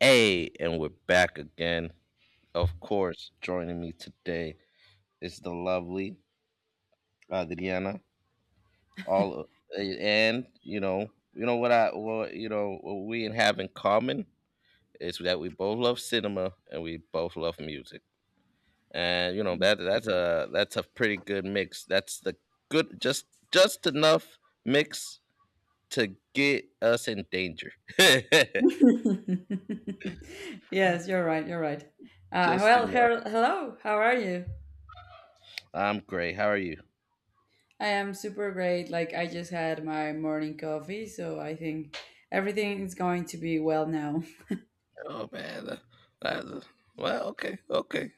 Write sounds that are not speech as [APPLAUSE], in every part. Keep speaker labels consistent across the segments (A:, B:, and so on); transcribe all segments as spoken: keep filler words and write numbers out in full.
A: Hey, and we're back again. Of course, joining me today is the lovely Adriana. All and you know, you know what I, what you know, what we have in common is that we both love cinema and we both love music. And you know that that's a that's a pretty good mix. That's the good just just enough mix to get us in danger.
B: [LAUGHS] yes, you're right. You're right.
A: [LAUGHS]
B: Uh,
A: Just
B: well,
A: enough.
B: her- hello. How are you?
A: I'm great. How are you?
B: I am super great. Like I just had my morning coffee, so I think everything is going to be well now. [LAUGHS]
A: Oh man, tha- that, well, okay, okay.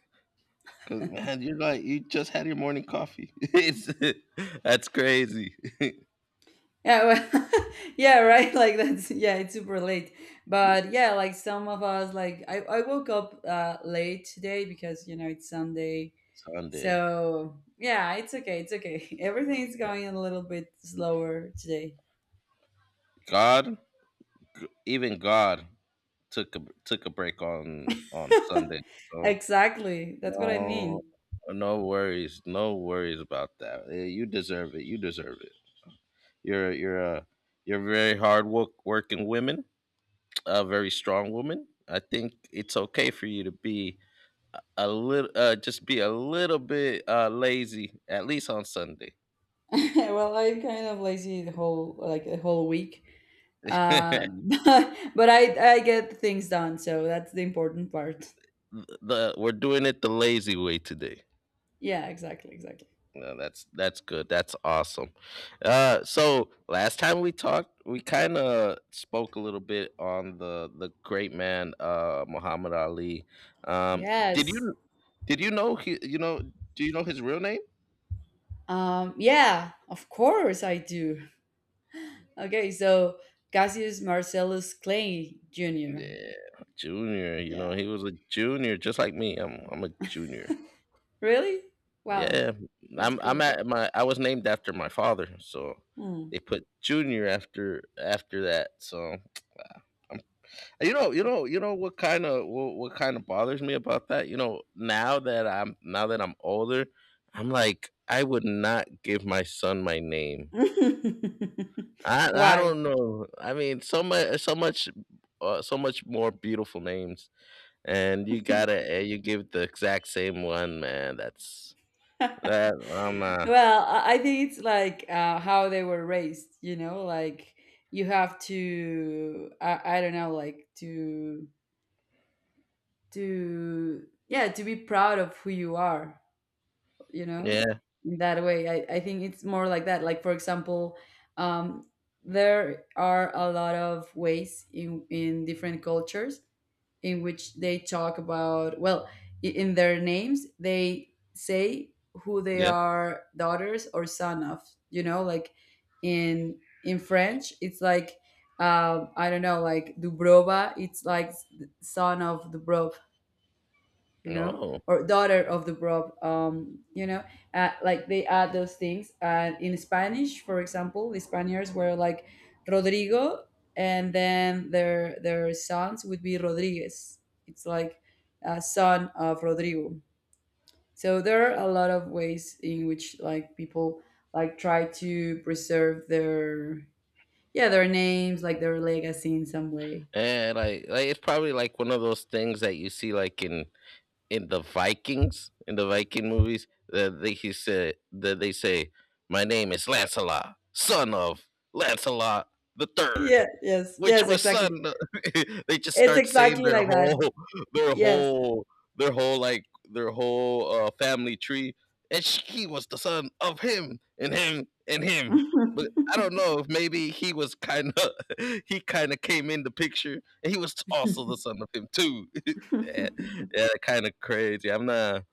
A: 'Cause, man, you're like, you just had your morning coffee. [LAUGHS] it's That's crazy.
B: Yeah, well, [LAUGHS] yeah, right. Like that's yeah, it's super late. But yeah, like some of us, like I, I woke up uh, late today because you know it's Sunday.
A: Sunday.
B: So yeah, it's okay. It's okay. [LAUGHS] Everything is going a little bit slower today.
A: God, g- even God took a took a break on on Sunday. So
B: Exactly. That's what I
A: no,
B: mean.
A: no worries, no worries about that. Eh, You deserve it. You deserve it. You're you're a you're a very hard work working woman, a very strong woman. I think it's okay for you to be a little uh just be a little bit uh lazy, at least on Sunday.
B: [LAUGHS] Well, I'm kind of lazy the whole like the whole week. Uh, [LAUGHS]
A: [LAUGHS]
B: but, but I I get things done, so that's the important part. [LAUGHS]
A: the We're doing it the lazy way today.
B: Yeah, exactly, exactly.
A: No, that's that's good. That's awesome. Uh so last time we talked, we kind of spoke a little bit on the the great man, uh Muhammad Ali. um did
B: Yes.
A: you did you know he you know do you know his real name?
B: Um, yeah, of course I do. Okay, so Cassius Marcellus Clay Junior
A: Yeah, Junior. You know,
B: Yeah.
A: he was a Junior just like me. I'm i'm a Junior.
B: Really? Wow.
A: Yeah,
B: That's
A: I'm I'm
B: cool.
A: at my I was named after my father, so
B: Hmm.
A: they put Junior after after that. So I'm, you know you know you know what kind of what, what kind of bothers me about that? You know, now that I'm now that I'm older, I'm like, I would not give my son my name.
B: [LAUGHS]
A: I I
B: Why?
A: don't know. I mean, so much so much uh, so much more beautiful names, and you gotta uh, you give the exact same one, man. That's
B: [LAUGHS]
A: that I'm not.
B: Well, I I think it's like uh, how they were raised, you know, like you have to, I, I don't know, like to, to, yeah, to be proud of who you are, you know,
A: Yeah.
B: in that way. I, I think it's more like that. Like, for example, um, there are a lot of ways in, in different cultures in which they talk about, well, i- in their names they say who they
A: Yeah.
B: are, daughters or son of. You know, like in in French it's like, um, I don't know, like Dubrova, it's like s- son of Dubrov, you know,
A: No.
B: or daughter of the Rob, um, you know, uh, like they add those things. And in Spanish, for example, the Spaniards were like Rodrigo, and then their their sons would be Rodriguez. It's like a son of Rodrigo. So there are a lot of ways in which like people like try to preserve their yeah their names, like their legacy in some way.
A: And like like it's probably like one of those things that you see like in in the Vikings, in the Viking movies, that they he said that they say, "My name is Lancelot, son of Lancelot the Third,
B: Yeah. Yes.
A: which
B: Yes.
A: was
B: Exactly.
A: son." [LAUGHS] They just
B: It's
A: start saying
B: exactly
A: their
B: like that.
A: whole, their
B: Yes.
A: whole, their whole like their whole uh, family tree, and sh- he was the son of him and him and him. But I don't know if maybe he was kind of [LAUGHS] he kind of came in the picture, and he was also the son of him too. [LAUGHS] [LAUGHS]
B: [LAUGHS]
A: Yeah, yeah, kind of crazy. I'm not.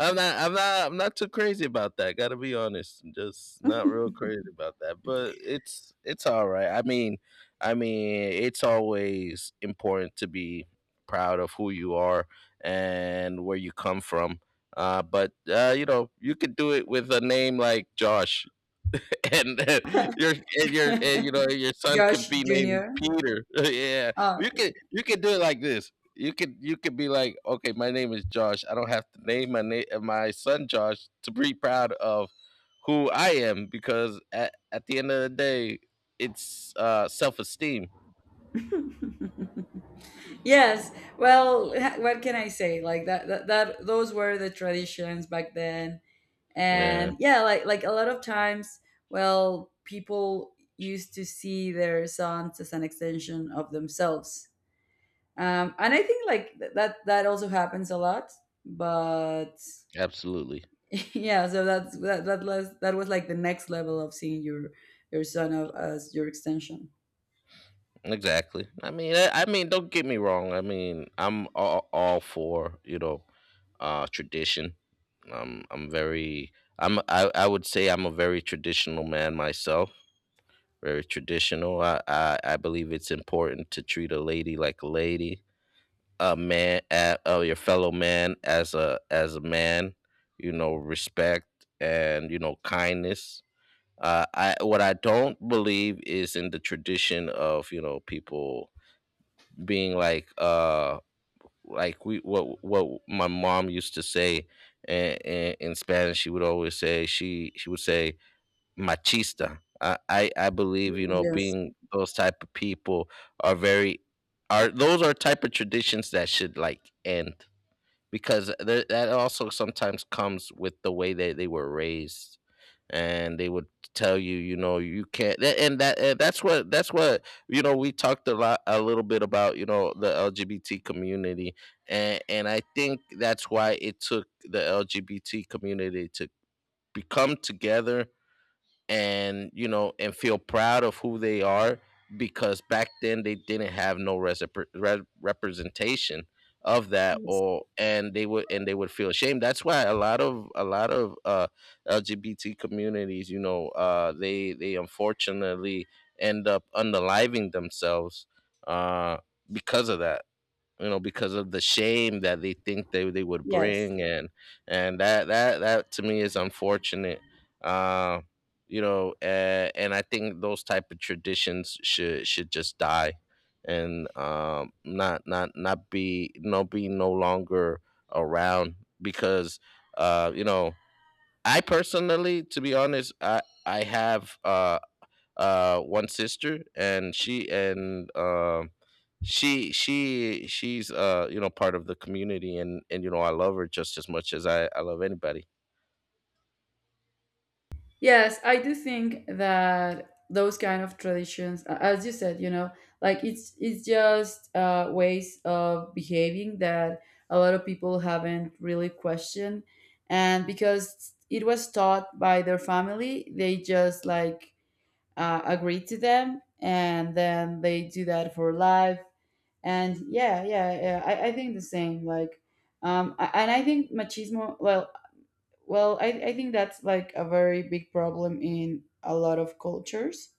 A: I'm not. I'm not. I'm not too crazy about that. Gotta be honest. I'm just not real crazy about that. But it's it's all right. I mean, I mean, it's always important to be proud of who you are and where you come from. Uh, but uh, you know, you could do it with a name like Josh. [LAUGHS] And uh, your and your and
B: [LAUGHS]
A: you know your son could
B: Josh
A: be named
B: Junior
A: Peter. [LAUGHS] Yeah,
B: Oh,
A: you could you could do it like this. You could you could be like, okay, my name is Josh. I don't have to name my name my son Josh to be proud of who I am, because at, at the end of the day, it's uh self esteem.
B: yes. Well, [LAUGHS] what can I say? Like that, that that those were the traditions back then.
A: Yeah,
B: And yeah, like like a lot of times, well, people used to see their sons as an extension of themselves. Um, and I think like th- that that also happens a lot, but
A: absolutely.
B: [LAUGHS] yeah, so that's that that was that was like the next level of seeing your your son of, as your extension.
A: Exactly. I mean, I, I mean, don't get me wrong. I mean, I'm all, all for, you know, uh, tradition. Um, I'm very. I'm. I, I would say I'm a very traditional man myself. Very traditional. I, I I believe it's important to treat a lady like a lady. A man, uh, uh, your fellow man, as a as a man. You know, respect and, you know kindness. Uh, I What I don't believe is in the tradition of, you know people being like uh like we what what my mom used to say. In, in, in Spanish she would always say, she she would say, machista. I, I I believe, you
B: Mm,
A: know,
B: yes.
A: being those type of people are very are those are type of traditions that should like end, because th- that also sometimes comes with the way that they were raised. And they would tell you, you know, you can't— tha- and that and that's what that's what, you know, we talked a lot a little bit about, you know, the L G B T community. and and I think that's why it took the L G B T community to become together and, you know and feel proud of who they are, because back then they didn't have no resep- re- representation of that.
B: Yes.
A: Or and they would and They would feel ashamed. That's why a lot of a lot of uh L G B T communities, you know, uh they they unfortunately end up underliving themselves, uh because of that, you know, because of the shame that they think they, they would
B: Yes.
A: bring. And and that that that to me is unfortunate. Uh you know uh, and I think those type of traditions should should just die and um not not not be no be no longer around, because, uh you know, I personally, to be honest, i i have uh uh one sister, and she and um she she she's, uh you know, part of the community. And, and you know, I love her just as much as i i love anybody.
B: Yes, I do think that those kind of traditions, a- as you said, you know, like it's it's just uh, ways of behaving that a lot of people haven't really questioned, and because it was taught by their family, they just like uh, agree to them, and then they do that for life. And yeah, yeah, yeah I, I think the same. Like, um, a- and I think machismo. Well, well, I, I think that's like a very big problem in a lot of cultures.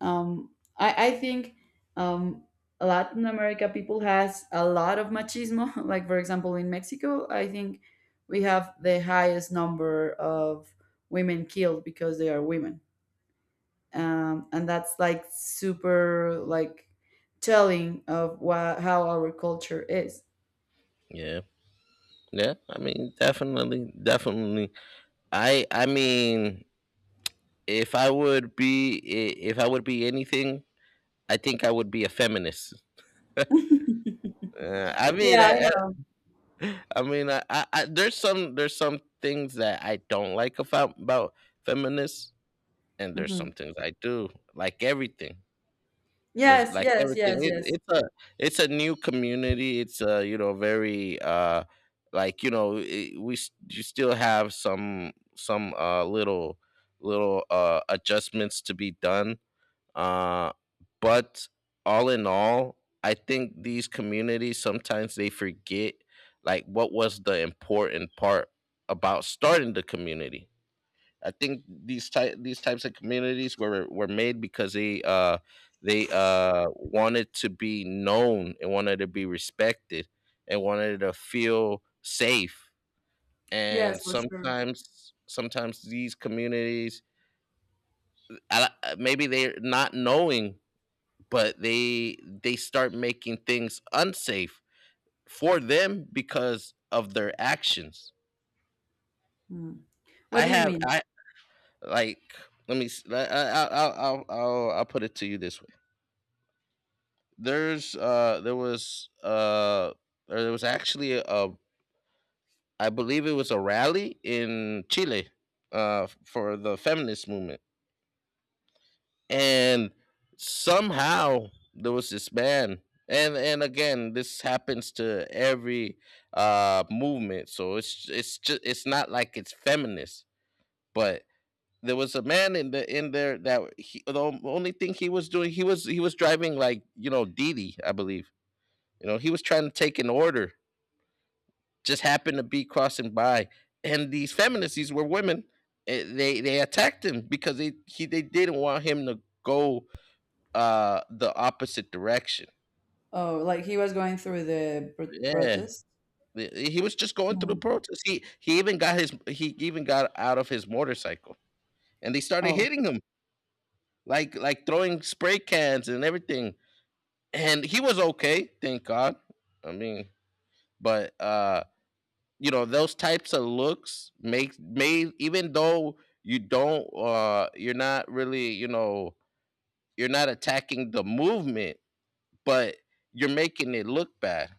B: Um, I, I think um, Latin America people has a lot of machismo. [LAUGHS] Like for example, in Mexico, I think we have the highest number of women killed because they are women, um, and that's like super like telling of wha- how our culture is.
A: Yeah, yeah, I mean, definitely, definitely. I i mean, if I would be I- if I would be anything, I think I would be a feminist.
B: [LAUGHS]
A: uh, I mean,
B: Yeah. I
A: I, I
B: know.
A: I mean, I, I, I, there's some there's some things that I don't like about about feminists, and there's
B: Mhm.
A: some things I do like everything. There's
B: Yes.
A: like
B: Yes.
A: everything.
B: Yes.
A: It,
B: Yes.
A: it's a it's a new community. It's a you know very uh like you know it, we s- You still have some some uh little little uh adjustments to be done. Uh, but all in all, I think these communities sometimes they forget like what was the important part about starting the community. I think these ty- these types of communities were were made because they uh they uh wanted to be known and wanted to be respected and wanted to feel safe. And
B: Yes. For sure.
A: sometimes sometimes these communities— I, I- maybe they're not knowing, but they they start making things unsafe for them because of their actions.
B: Mm. What
A: I
B: do you
A: have
B: mean?
A: I like let me s- I, I, I'll, I'll, I'll, I'll put it to you this. there's uh there was uh there was actually— a I believe it was a rally in Chile uh for the feminist movement. And somehow, there was this man. And and again, this happens to every uh movement, so it's it's just it's not like it's feminist. But there was a man in the in there that— he, the only thing he was doing, he was he was driving, like, you know, Didi, I believe. You know, he was trying to take an order, just happened to be crossing by. And these feminists— these were women— eh, they they attacked him because they he they didn't want him to go uh the opposite direction.
B: Oh, like he was going through the pr-
A: Yeah,
B: protest?
A: he he was just going through the
B: Mm.
A: protest. He he even got his he even got out of his motorcycle, and they started
B: Oh,
A: hitting him, like like throwing spray cans and everything. And he was okay, thank God. I mean, but uh you know, those types of looks make may even though you don't uh you're not really, you know, you're not attacking the movement, but you're making it look bad.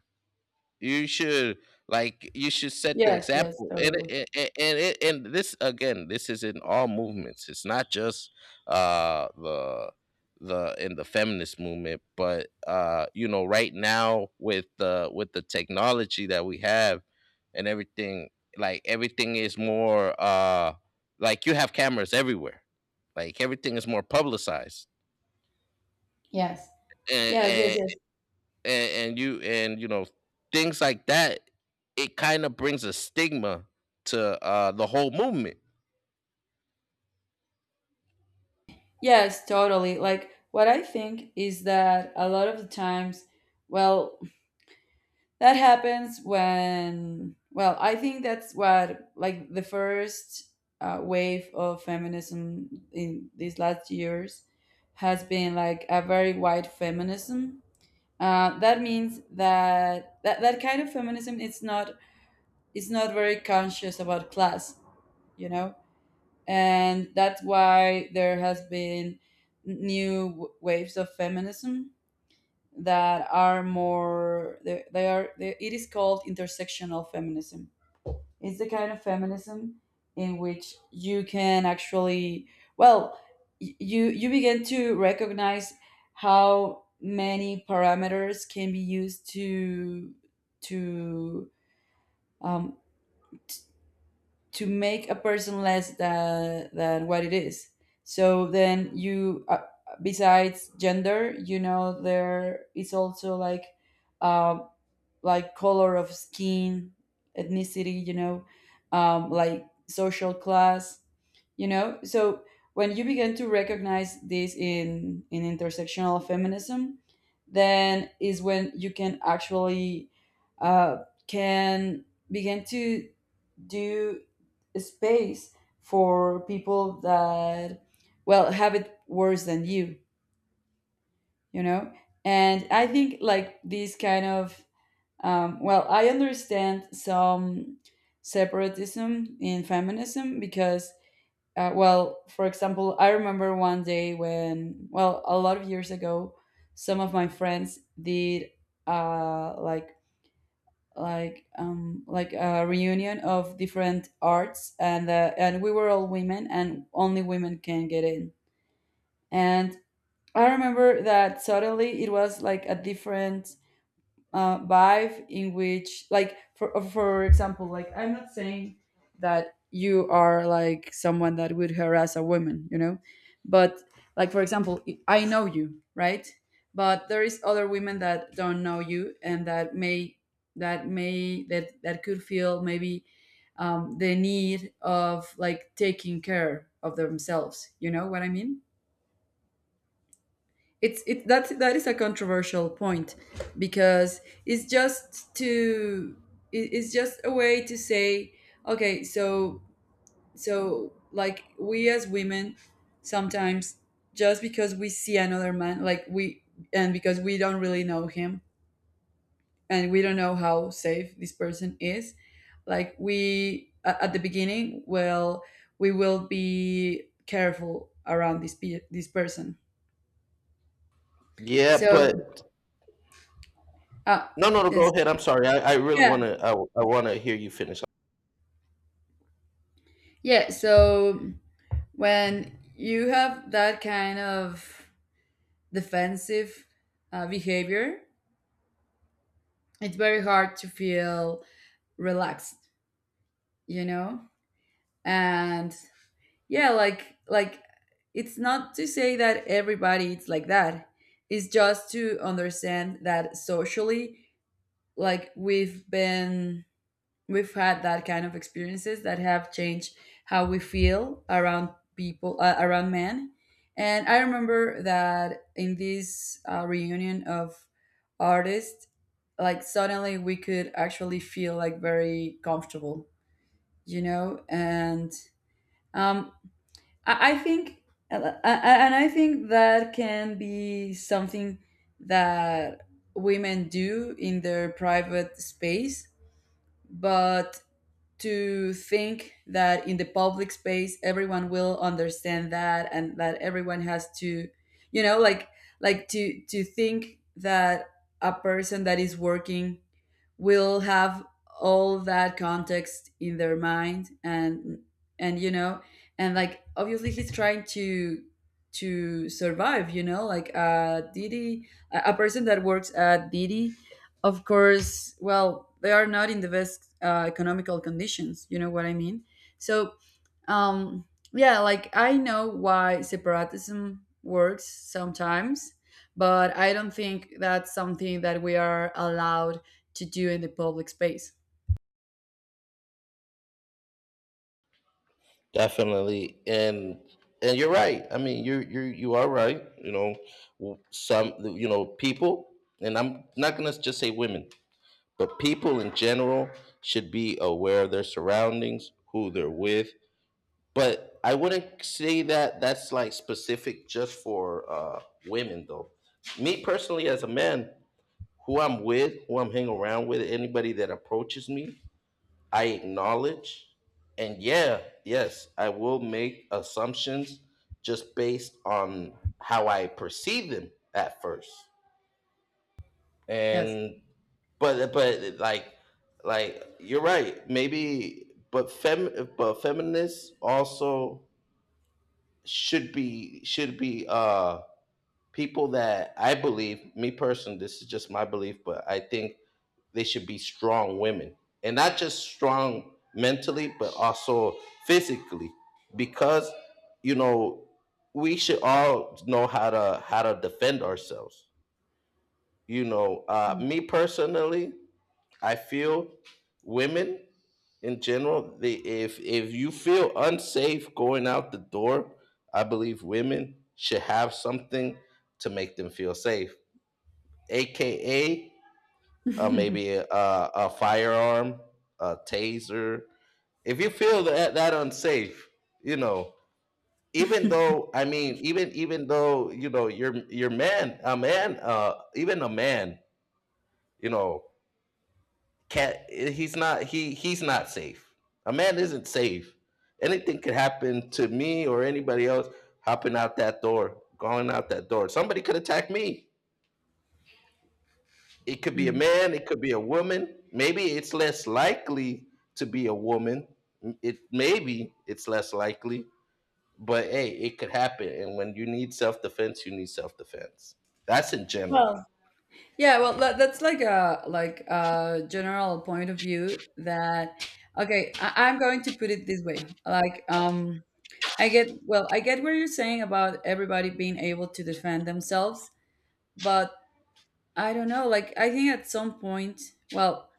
A: you should like you should set the
B: yes, yes,
A: example. And
B: totally.
A: it, and and, it, and this, again, this is in all movements. It's not just uh the the in the feminist movement. But uh you know, right now with the with the technology that we have and everything, like everything is more, uh like you have cameras everywhere, like everything is more publicized.
B: Yes, yes, yes,
A: and
B: yes.
A: and, and you and you know, things like that, it kind of brings a stigma to uh the whole movement.
B: Yes, totally. Like, what I think is that a lot of the times, well, that happens when, well, I think that's what, like, the first uh, wave of feminism in these last years has been like a very white feminism. Uh, that means that, that that kind of feminism it's not, it's not very conscious about class, you know, and that's why there has been new w- waves of feminism that are more they, they are they, it is called intersectional feminism. It's the kind of feminism in which you can actually, well, y- you you begin to recognize how many parameters can be used to to um, to make a person less than than what it is. So then you, uh, besides gender, you know, there is also like. Um, like color of skin, ethnicity, you know, um, like social class, you know. So when you begin to recognize this in in intersectional feminism, then is when you can actually uh, can begin to do space for people that well have it worse than you, you know. And I think like these kind of, um, well, I understand some separatism in feminism because, uh, well, for example, I remember one day when, well, a lot of years ago, some of my friends did uh, like like um, like a reunion of different arts, and uh, and we were all women, and only women can get in. And I remember that suddenly it was like a different uh, vibe in which like for uh, for example like I'm not saying that you are like someone that would harass a woman, you know, but like for example I know you, right? But there is other women that don't know you and that may that may that that could feel maybe um, the need of like taking care of themselves, you know what I mean? It's it that that is a controversial point because it's just to, it- it's just a way to say, okay, so so like we as women sometimes, just because we see another man like we, and because we don't really know him and we don't know how safe this person is, like we a- at the beginning, well, we will be careful around this pe- this person,
A: Yeah,
B: so
A: but
B: uh,
A: no, no, no. Go
B: yes.
A: ahead. I'm sorry. I, I really
B: Yeah,
A: want to. I, I want to hear you finish.
B: yeah, so when you have that kind of defensive uh, behavior, it's very hard to feel relaxed, you know? And yeah, like like it's not to say that everybody it's like that. It's just to understand that socially like we've been, we've had that kind of experiences that have changed how we feel around people, uh, around men. And I remember that in this uh, reunion of artists, like suddenly we could actually feel like very comfortable, you know. And um i, I think, uh, uh, and I think that can be something that women do in their private space, but to think that in the public space everyone will understand that and that everyone has to, you know, like like to to think that a person that is working will have all that context in their mind, and and you know, and like obviously he's trying to to survive, you know, like uh Didi, a a person that works at Didi, of course, well, they are not in the best uh, economical conditions, you know what I mean. So um yeah, like I know why separatism works sometimes, but I don't think that's something that we are allowed to do in the public space.
A: Definitely. And and you're right. I mean, you you you are right. You know, w- some, you know, people— and I'm not gonna just say women, but people in general— should be aware of their surroundings, who they're with. But I wouldn't say that that's like specific just for, uh, women though. Me personally, as a man, who I'm with, who I'm hanging around with, anybody that approaches me, I acknowledge, and yeah, yes, I will make assumptions just based on how I perceive them at first.
B: Yes.
A: And but but like like you're right, maybe, but fem but feminists also should be should be uh people that— I believe, me personally, this is just my belief, but I think they should be strong women. And not just strong mentally, but also physically. Because, you know, we should all know how to how to defend ourselves. You know, uh me personally, I feel women in general, they, if if you feel unsafe going out the door, I believe women should have something to make them feel safe, aka uh, maybe
B: [LAUGHS]
A: a, a firearm, a taser. If you feel that that unsafe, you know, even though I mean, even even though you know, you're you're man, a man, uh, even a man, you know, Cat, he's not he he's not safe. A man isn't safe. Anything could happen to me or anybody else hopping out that door, going out that door. Somebody could attack me. It could be a
B: Mm.
A: man, it could be a woman. Maybe it's less likely to be a woman. It maybe it's less likely, but hey, it could happen. And when you need self defense, you need self defense. That's in general.
B: Well, yeah, well, that, that's like a like a general point of view that, okay, I, I'm going to put it this way. Like, um, I get, well, I get what you're saying about everybody being able to defend themselves, but I don't know. Like, I think at some point, well,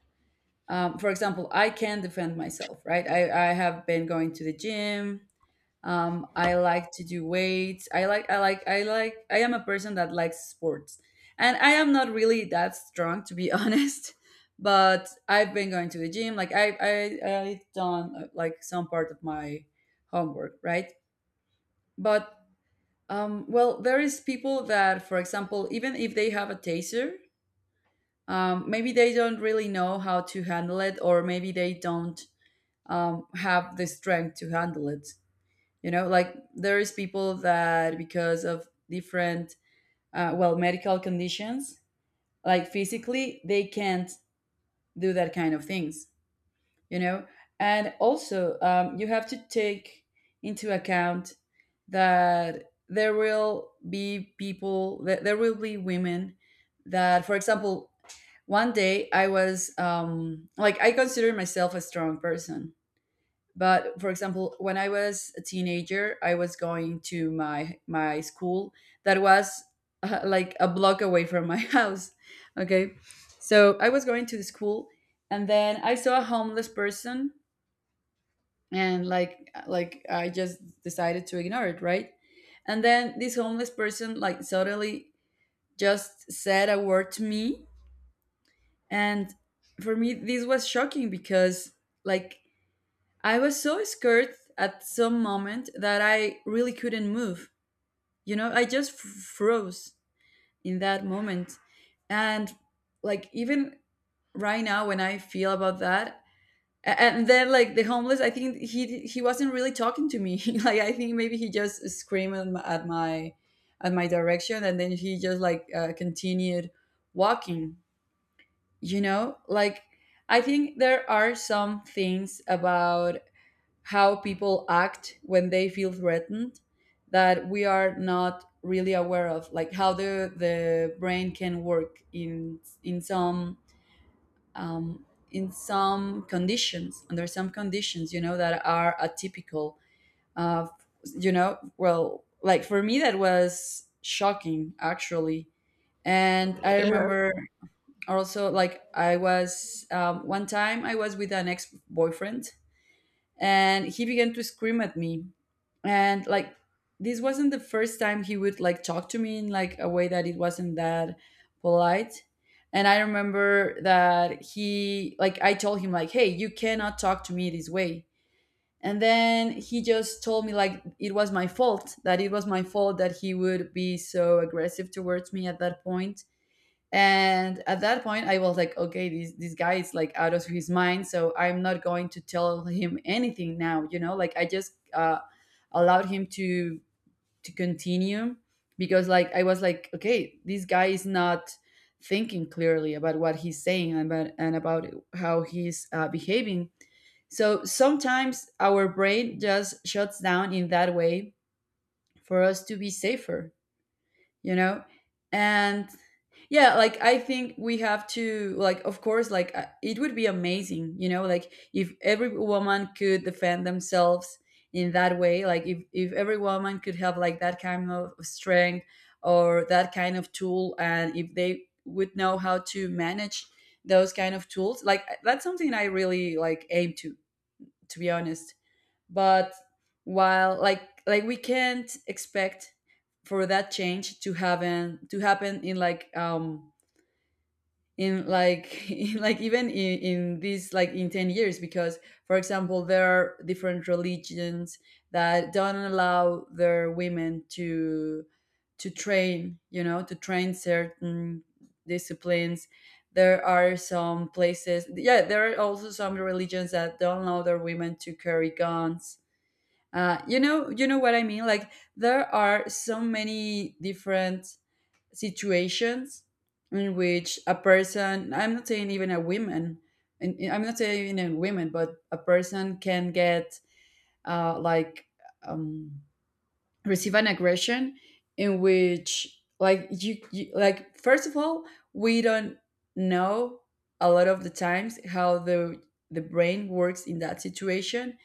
B: um, for example, I can defend myself, right? I I have been going to the gym. Um, I like to do weights. I like I like I like I am a person that likes sports. And I am not really that strong to be [LAUGHS] honest, but I've been going to the gym. Like I I I've done uh, like some part of my homework, right? But um well, there is people that for example, even if they have a taser, um maybe they don't really know how to handle it or maybe they don't um have the strength to handle it, you know, like there is people that because of different uh, well medical conditions, like physically they can't do that kind of things, you know. And also um, you have to take into account that there will be people, that there will be women that, for example, one day I was, um, like I consider myself a strong person, but for example when I was a teenager I was going to my my school that was [LAUGHS] uh, like a block away from my [LAUGHS] house, okay? So I was going to the school and then I saw a homeless person, and like like I just decided to ignore it, right? And then this homeless person like suddenly just said a word to me. And for me this was shocking because like I was so scared at some moment that I really couldn't move. You know, I just f- froze in that moment. And like even right now when I feel about that, a- and then like the homeless, I think he he wasn't really talking to me. [LAUGHS] Like I think maybe he just screamed at my at my, at my direction, and then he just like uh, continued walking. You know, like I think there are some things about how people act when they feel threatened, that we are not really aware of, like how the the brain can work in in some um, in some conditions under some conditions, you know that are atypical of. You know well, like for me that was shocking, actually. And I
A: Yeah.
B: remember, also, like, I was um, one time I was with an ex-boyfriend, and he began to scream at me. And like this wasn't the first time he would like talk to me in like a way that it wasn't that polite. And I remember that he like I told him, like, "Hey, you cannot talk to me this way." And then he just told me like it was my fault, that it was my fault that he would be so aggressive towards me at that point. And at that point I was like, okay, this this guy is like out of his mind, so I'm not going to tell him anything now. You know like, I just uh, allowed him to to continue, because like I was like, okay, this guy is not thinking clearly about what he's saying, and about and about how he's uh, behaving. So sometimes our brain just shuts down in that way for us to be safer, you know and yeah, like I think we have to, like, of course, like, uh, it would be amazing, you know like if every woman could defend themselves in that way. Like if, if every woman could have like that kind of strength or that kind of tool, and if they would know how to manage those kind of tools, like uh, that's something I really like aim to to be honest. But, while like, like we can't expect for that change to happen to happen in like um in like [LAUGHS] in like even in, in this, like, in ten years. Because for example, there are different religions that don't allow their women to to train you know to train certain disciplines. There are some places, yeah. There are also some religions that don't allow their women to carry guns. Uh, you know you know what I mean? Like there are so many different situations in which a person, I'm not saying even a woman, and and I'm not saying even women, but a person can get uh, like, um, receive an aggression, in which like you, you like, first of all, we don't know a lot of the times how the the brain works in that situation.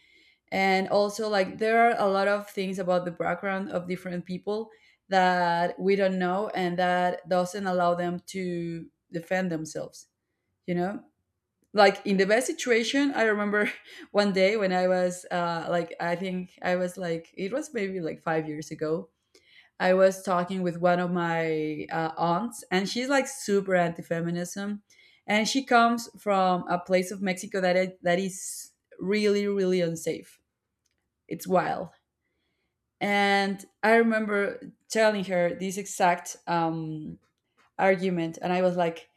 B: And also like there are a lot of things about the background of different people that we don't know and that doesn't allow them to defend themselves you know like in the best situation, I remember [LAUGHS] one day when I was uh, like, I think I was like, it was maybe like five years ago. I was talking with one of my uh, aunts, and she's like super anti-feminism. And she comes from a place of Mexico that, it, that is really really unsafe. It's wild. And I remember telling her this exact um, argument, and I was like,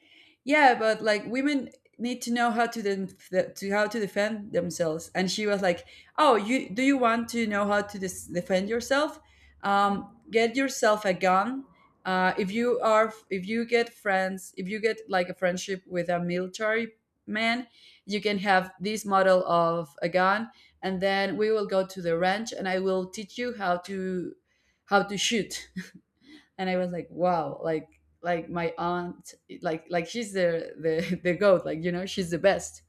B: "Yeah, but like women need to know how to de- to how to defend themselves." And she was like, "Oh, you do you want to know how to dis- defend yourself? Um, get yourself a gun. Uh, if you are if you get friends, if you get like a friendship with a military man, you can have this model of a gun, and then we will go to the ranch, and I will teach you how to." How to shoot. And I was like, wow, like, like my aunt, like, like she's the the [LAUGHS] the goat, like, you know, she's the best.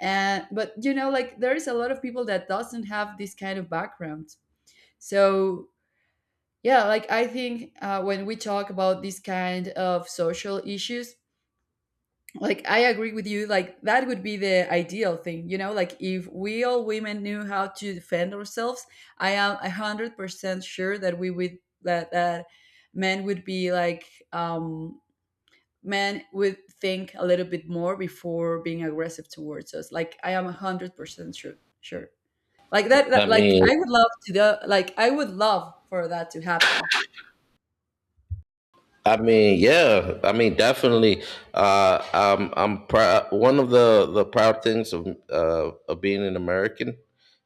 B: And but, you know, like there is a lot of people that doesn't have this kind of background. So yeah, like I think, uh, when we talk about this kind of social issues, like, I agree with you. Like that would be the ideal thing, you know, like if we all women knew how to defend ourselves, I am a hundred percent sure that we would that that men would be like um men would think a little bit more before being aggressive towards us. Like I am a hundred percent sure, sure. Like that,
A: I
B: that, like I
A: mean,
B: would love to do. Like I would love for that to happen.
A: I mean, yeah. I mean, definitely. Uh, I'm, I'm proud. One of the, the proud things of uh, of being an American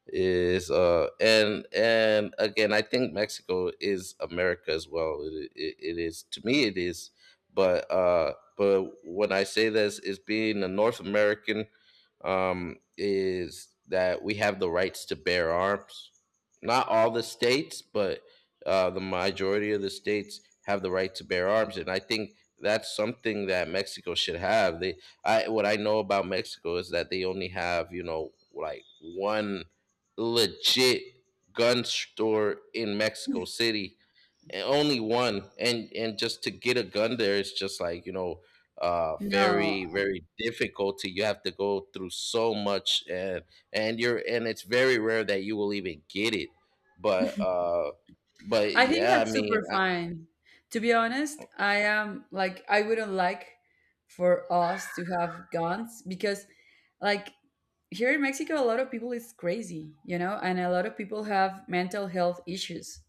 A: is, uh, and and again, I think Mexico is America as well. It, it, it is to me, it is. But uh, but when I say this, is being a North American, um, is that we have the rights to bear arms. Not all the states, but uh, the majority of the states have the right to bear arms. And I think that's something that Mexico should have. They I What I know about Mexico is that they only have, you know, like one legit gun store in Mexico City, and only one. And and just to get a gun there is just, like, you know, uh
B: No,
A: very very difficult to, you have to go through so much. and and you're and it's very rare that you will even get it. But uh but
B: I think
A: yeah, I
B: that's
A: mean,
B: super
A: I,
B: fine. To be honest, I am, like, I wouldn't like for us to have guns, because like here in Mexico a lot of people is crazy, you know, and a lot of people have mental health issues.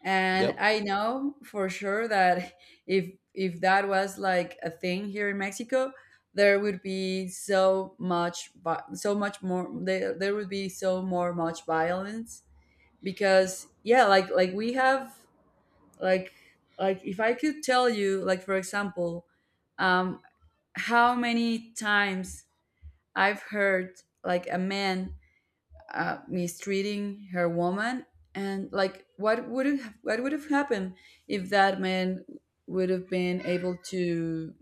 B: And
A: yep.
B: I know for sure that if if that was like a thing here in Mexico, there would be so much vi- so much more there, there would be so more much violence, because yeah, like, like we have, like, like if I could tell you, like, for example, um how many times I've heard like a man uh, mistreating her woman. And like what would have what would have happened if that man would have been able to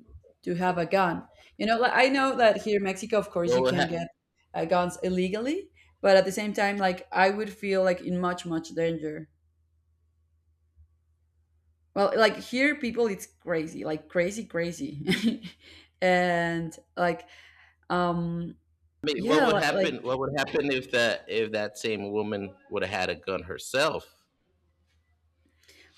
B: to have a gun, you know like I know that here in Mexico of course you
A: What would
B: can
A: hap-,
B: get uh, guns illegally. But at the same time like I would feel like in much much danger. Well, like here people it's crazy, like crazy crazy, [LAUGHS] and like um
A: I mean, what
B: yeah,
A: would
B: li- like.
A: happen? What would happen if that if that same woman would have had a gun herself?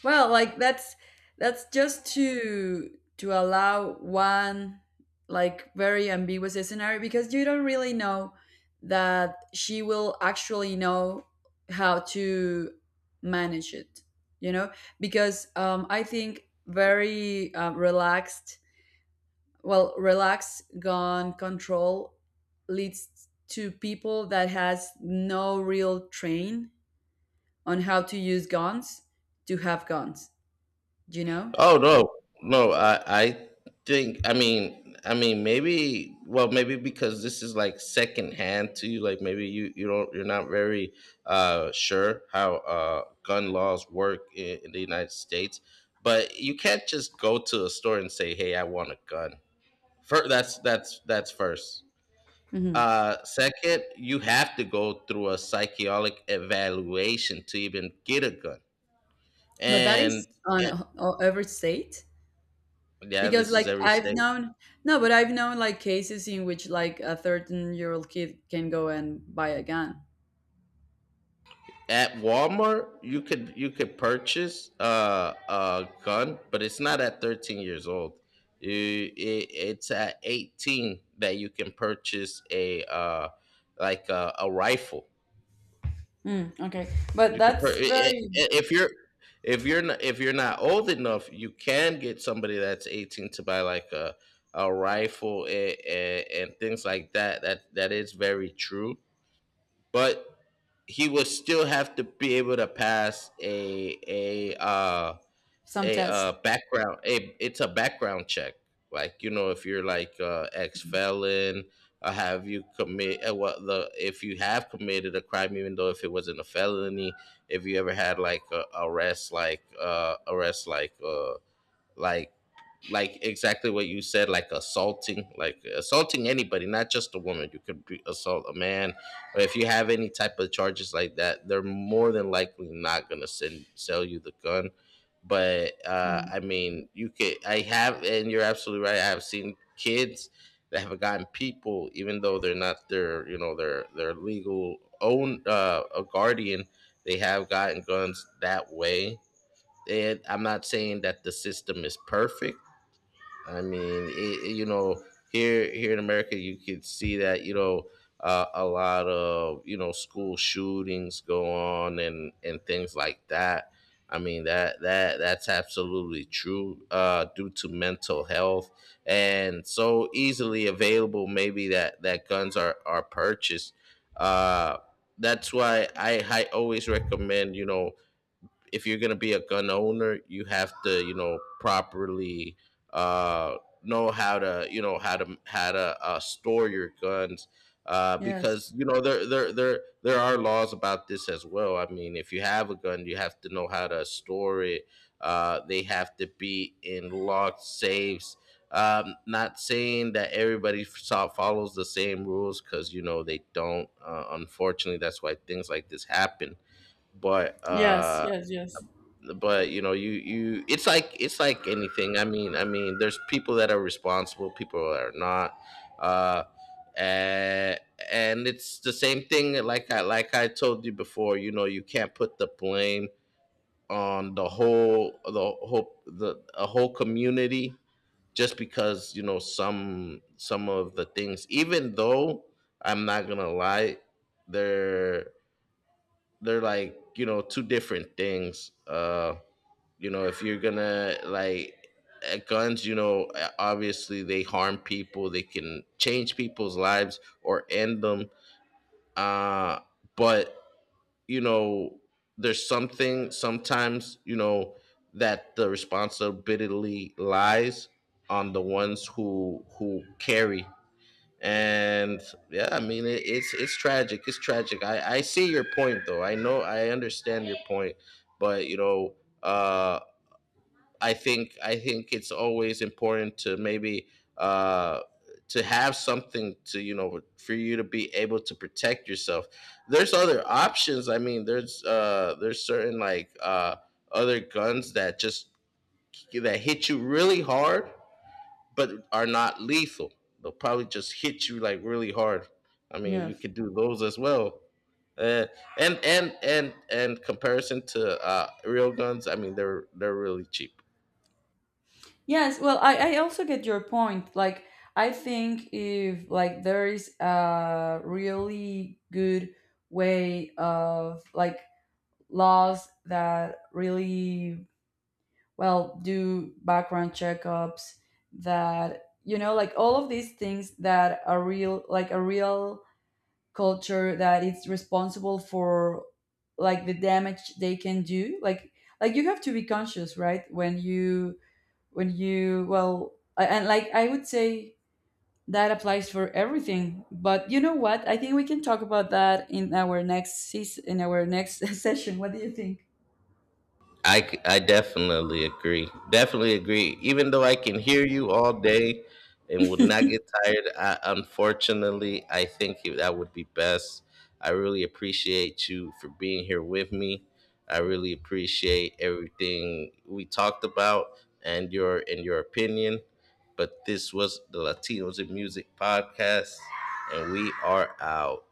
B: Well, like that's that's just to to allow one like very ambiguous scenario, because you don't really know that she will actually know how to manage it, you know? Because um, I think very uh, relaxed, well, relaxed gun control leads to people that has no real train on how to use guns to have guns, you know?
A: Oh no, no. I I think, I mean I mean maybe, well maybe because this is like secondhand to you. Like, maybe you you don't you're not very uh sure how uh gun laws work in, in the United States. But you can't just go to a store and say, "Hey, I want a gun." First, that's that's that's first.
B: Hmm.
A: Uh, second, you have to go through a psychologic evaluation to even get a gun.
B: But that
A: And
B: is on
A: eh,
B: a- o- every state.
A: yeah,
B: Because,
A: this
B: like,
A: is every
B: I've
A: state.
B: known. No, but I've known, like, cases in which like a thirteen-year-old kid can go and buy a gun.
A: At Walmart, you could you could purchase uh, a gun, but it's not at thirteen years old. You- it- it's at eighteen that you can purchase a, uh, like a, a rifle.
B: Mm, okay, but
A: You can per- I-
B: that's
A: I-
B: very
A: if you're If you're not, if you're not old enough, you can get somebody that's eighteen to buy like a, a rifle, and, and, and things like that. That that is very true, but he would still have to be able to pass a a uh
B: some
A: a uh
B: test.
A: background a it's a background check. Like, you know, if you're like, uh ex felon, uh, have you commit, uh, what the if you have committed a crime, even though if it wasn't a felony, if you ever had like a arrest, like uh arrest like uh like like exactly what you said, like assaulting like assaulting anybody, not just a woman. You could be, assault a man, or if you have any type of charges like that, they're more than likely not going to send sell you the gun. But uh
B: Mm,
A: I mean, you could. I have, and you're absolutely right, I have seen kids that have gotten people, even though they're not their, you know, their their legal own uh a guardian, they have gotten guns that way. And I'm not saying that the system is perfect. I mean, it, it- you know, here here in America, you could see that, you know, uh, a lot of, you know, school shootings go on and and things like that. I mean that that that's absolutely true, uh, due to mental health and so easily available. Maybe that that guns are are purchased. Uh, that's why I I always recommend, you know, if you're gonna be a gun owner, you have to, you know, properly, uh, know how to, you know, how to how to uh, store your guns. Uh, because
B: yes,
A: you know there there there there are laws about this as well. I mean, if you have a gun, you have to know how to store it. Uh, they have to be in locked safes. Um, not saying that everybody fo- follows the same rules, because you know they don't. Uh, unfortunately, that's why things like this happen. But
B: yes,
A: uh,
B: yes, yes,
A: but you know, you you, it's like, it's like anything. I mean i mean there's people that are responsible, people that are not, uh and, and it's the same thing. Like i like I told you before, you know, you can't put the blame on the whole the whole the a whole community, just because, you know, some some of the things. Even though I'm not gonna lie, they're they're like, you know, two different things. Uh you know if you're gonna like, uh, guns, you know, uh, obviously they harm people, they can change people's lives or end them. Uh but you know, there's something, sometimes, you know, that the responsibility lies on the ones who who carry. And yeah, I mean, it, it's, it's tragic it's tragic. I I see your point though, I know, I understand your point, but you know, uh I think, I think it's always important to maybe, uh, to have something to, you know, for you to be able to protect yourself. There's other options. I mean, there's uh, there's certain like, uh, other guns that just that hit you really hard but are not lethal. They'll probably just hit you, like, really hard. I mean, you
B: yes,
A: could do those as well. Uh, and, and and and comparison to, uh, real guns, I mean, they're they're really cheap.
B: yes. Well, I I also get your point. Like, I think if like there is a really good way of, like, laws that really well do background checkups, that you know like all of these things that are real, like a real culture that it's responsible for, like the damage they can do, like, like you have to be conscious, right, when you, when you well, a- and like I would say that applies for everything. But you know what? I think we can talk about that in our next season in our next [LAUGHS] session. What do you think?
A: I, c- I definitely agree. Definitely agree. Even though I can hear you all day and would not
B: [LAUGHS]
A: get tired, I, unfortunately, I think it- that would be best. I really appreciate you for being here with me. I really appreciate everything we talked about, and your and your opinion. But this was the Latinos in Music podcast, and we are out.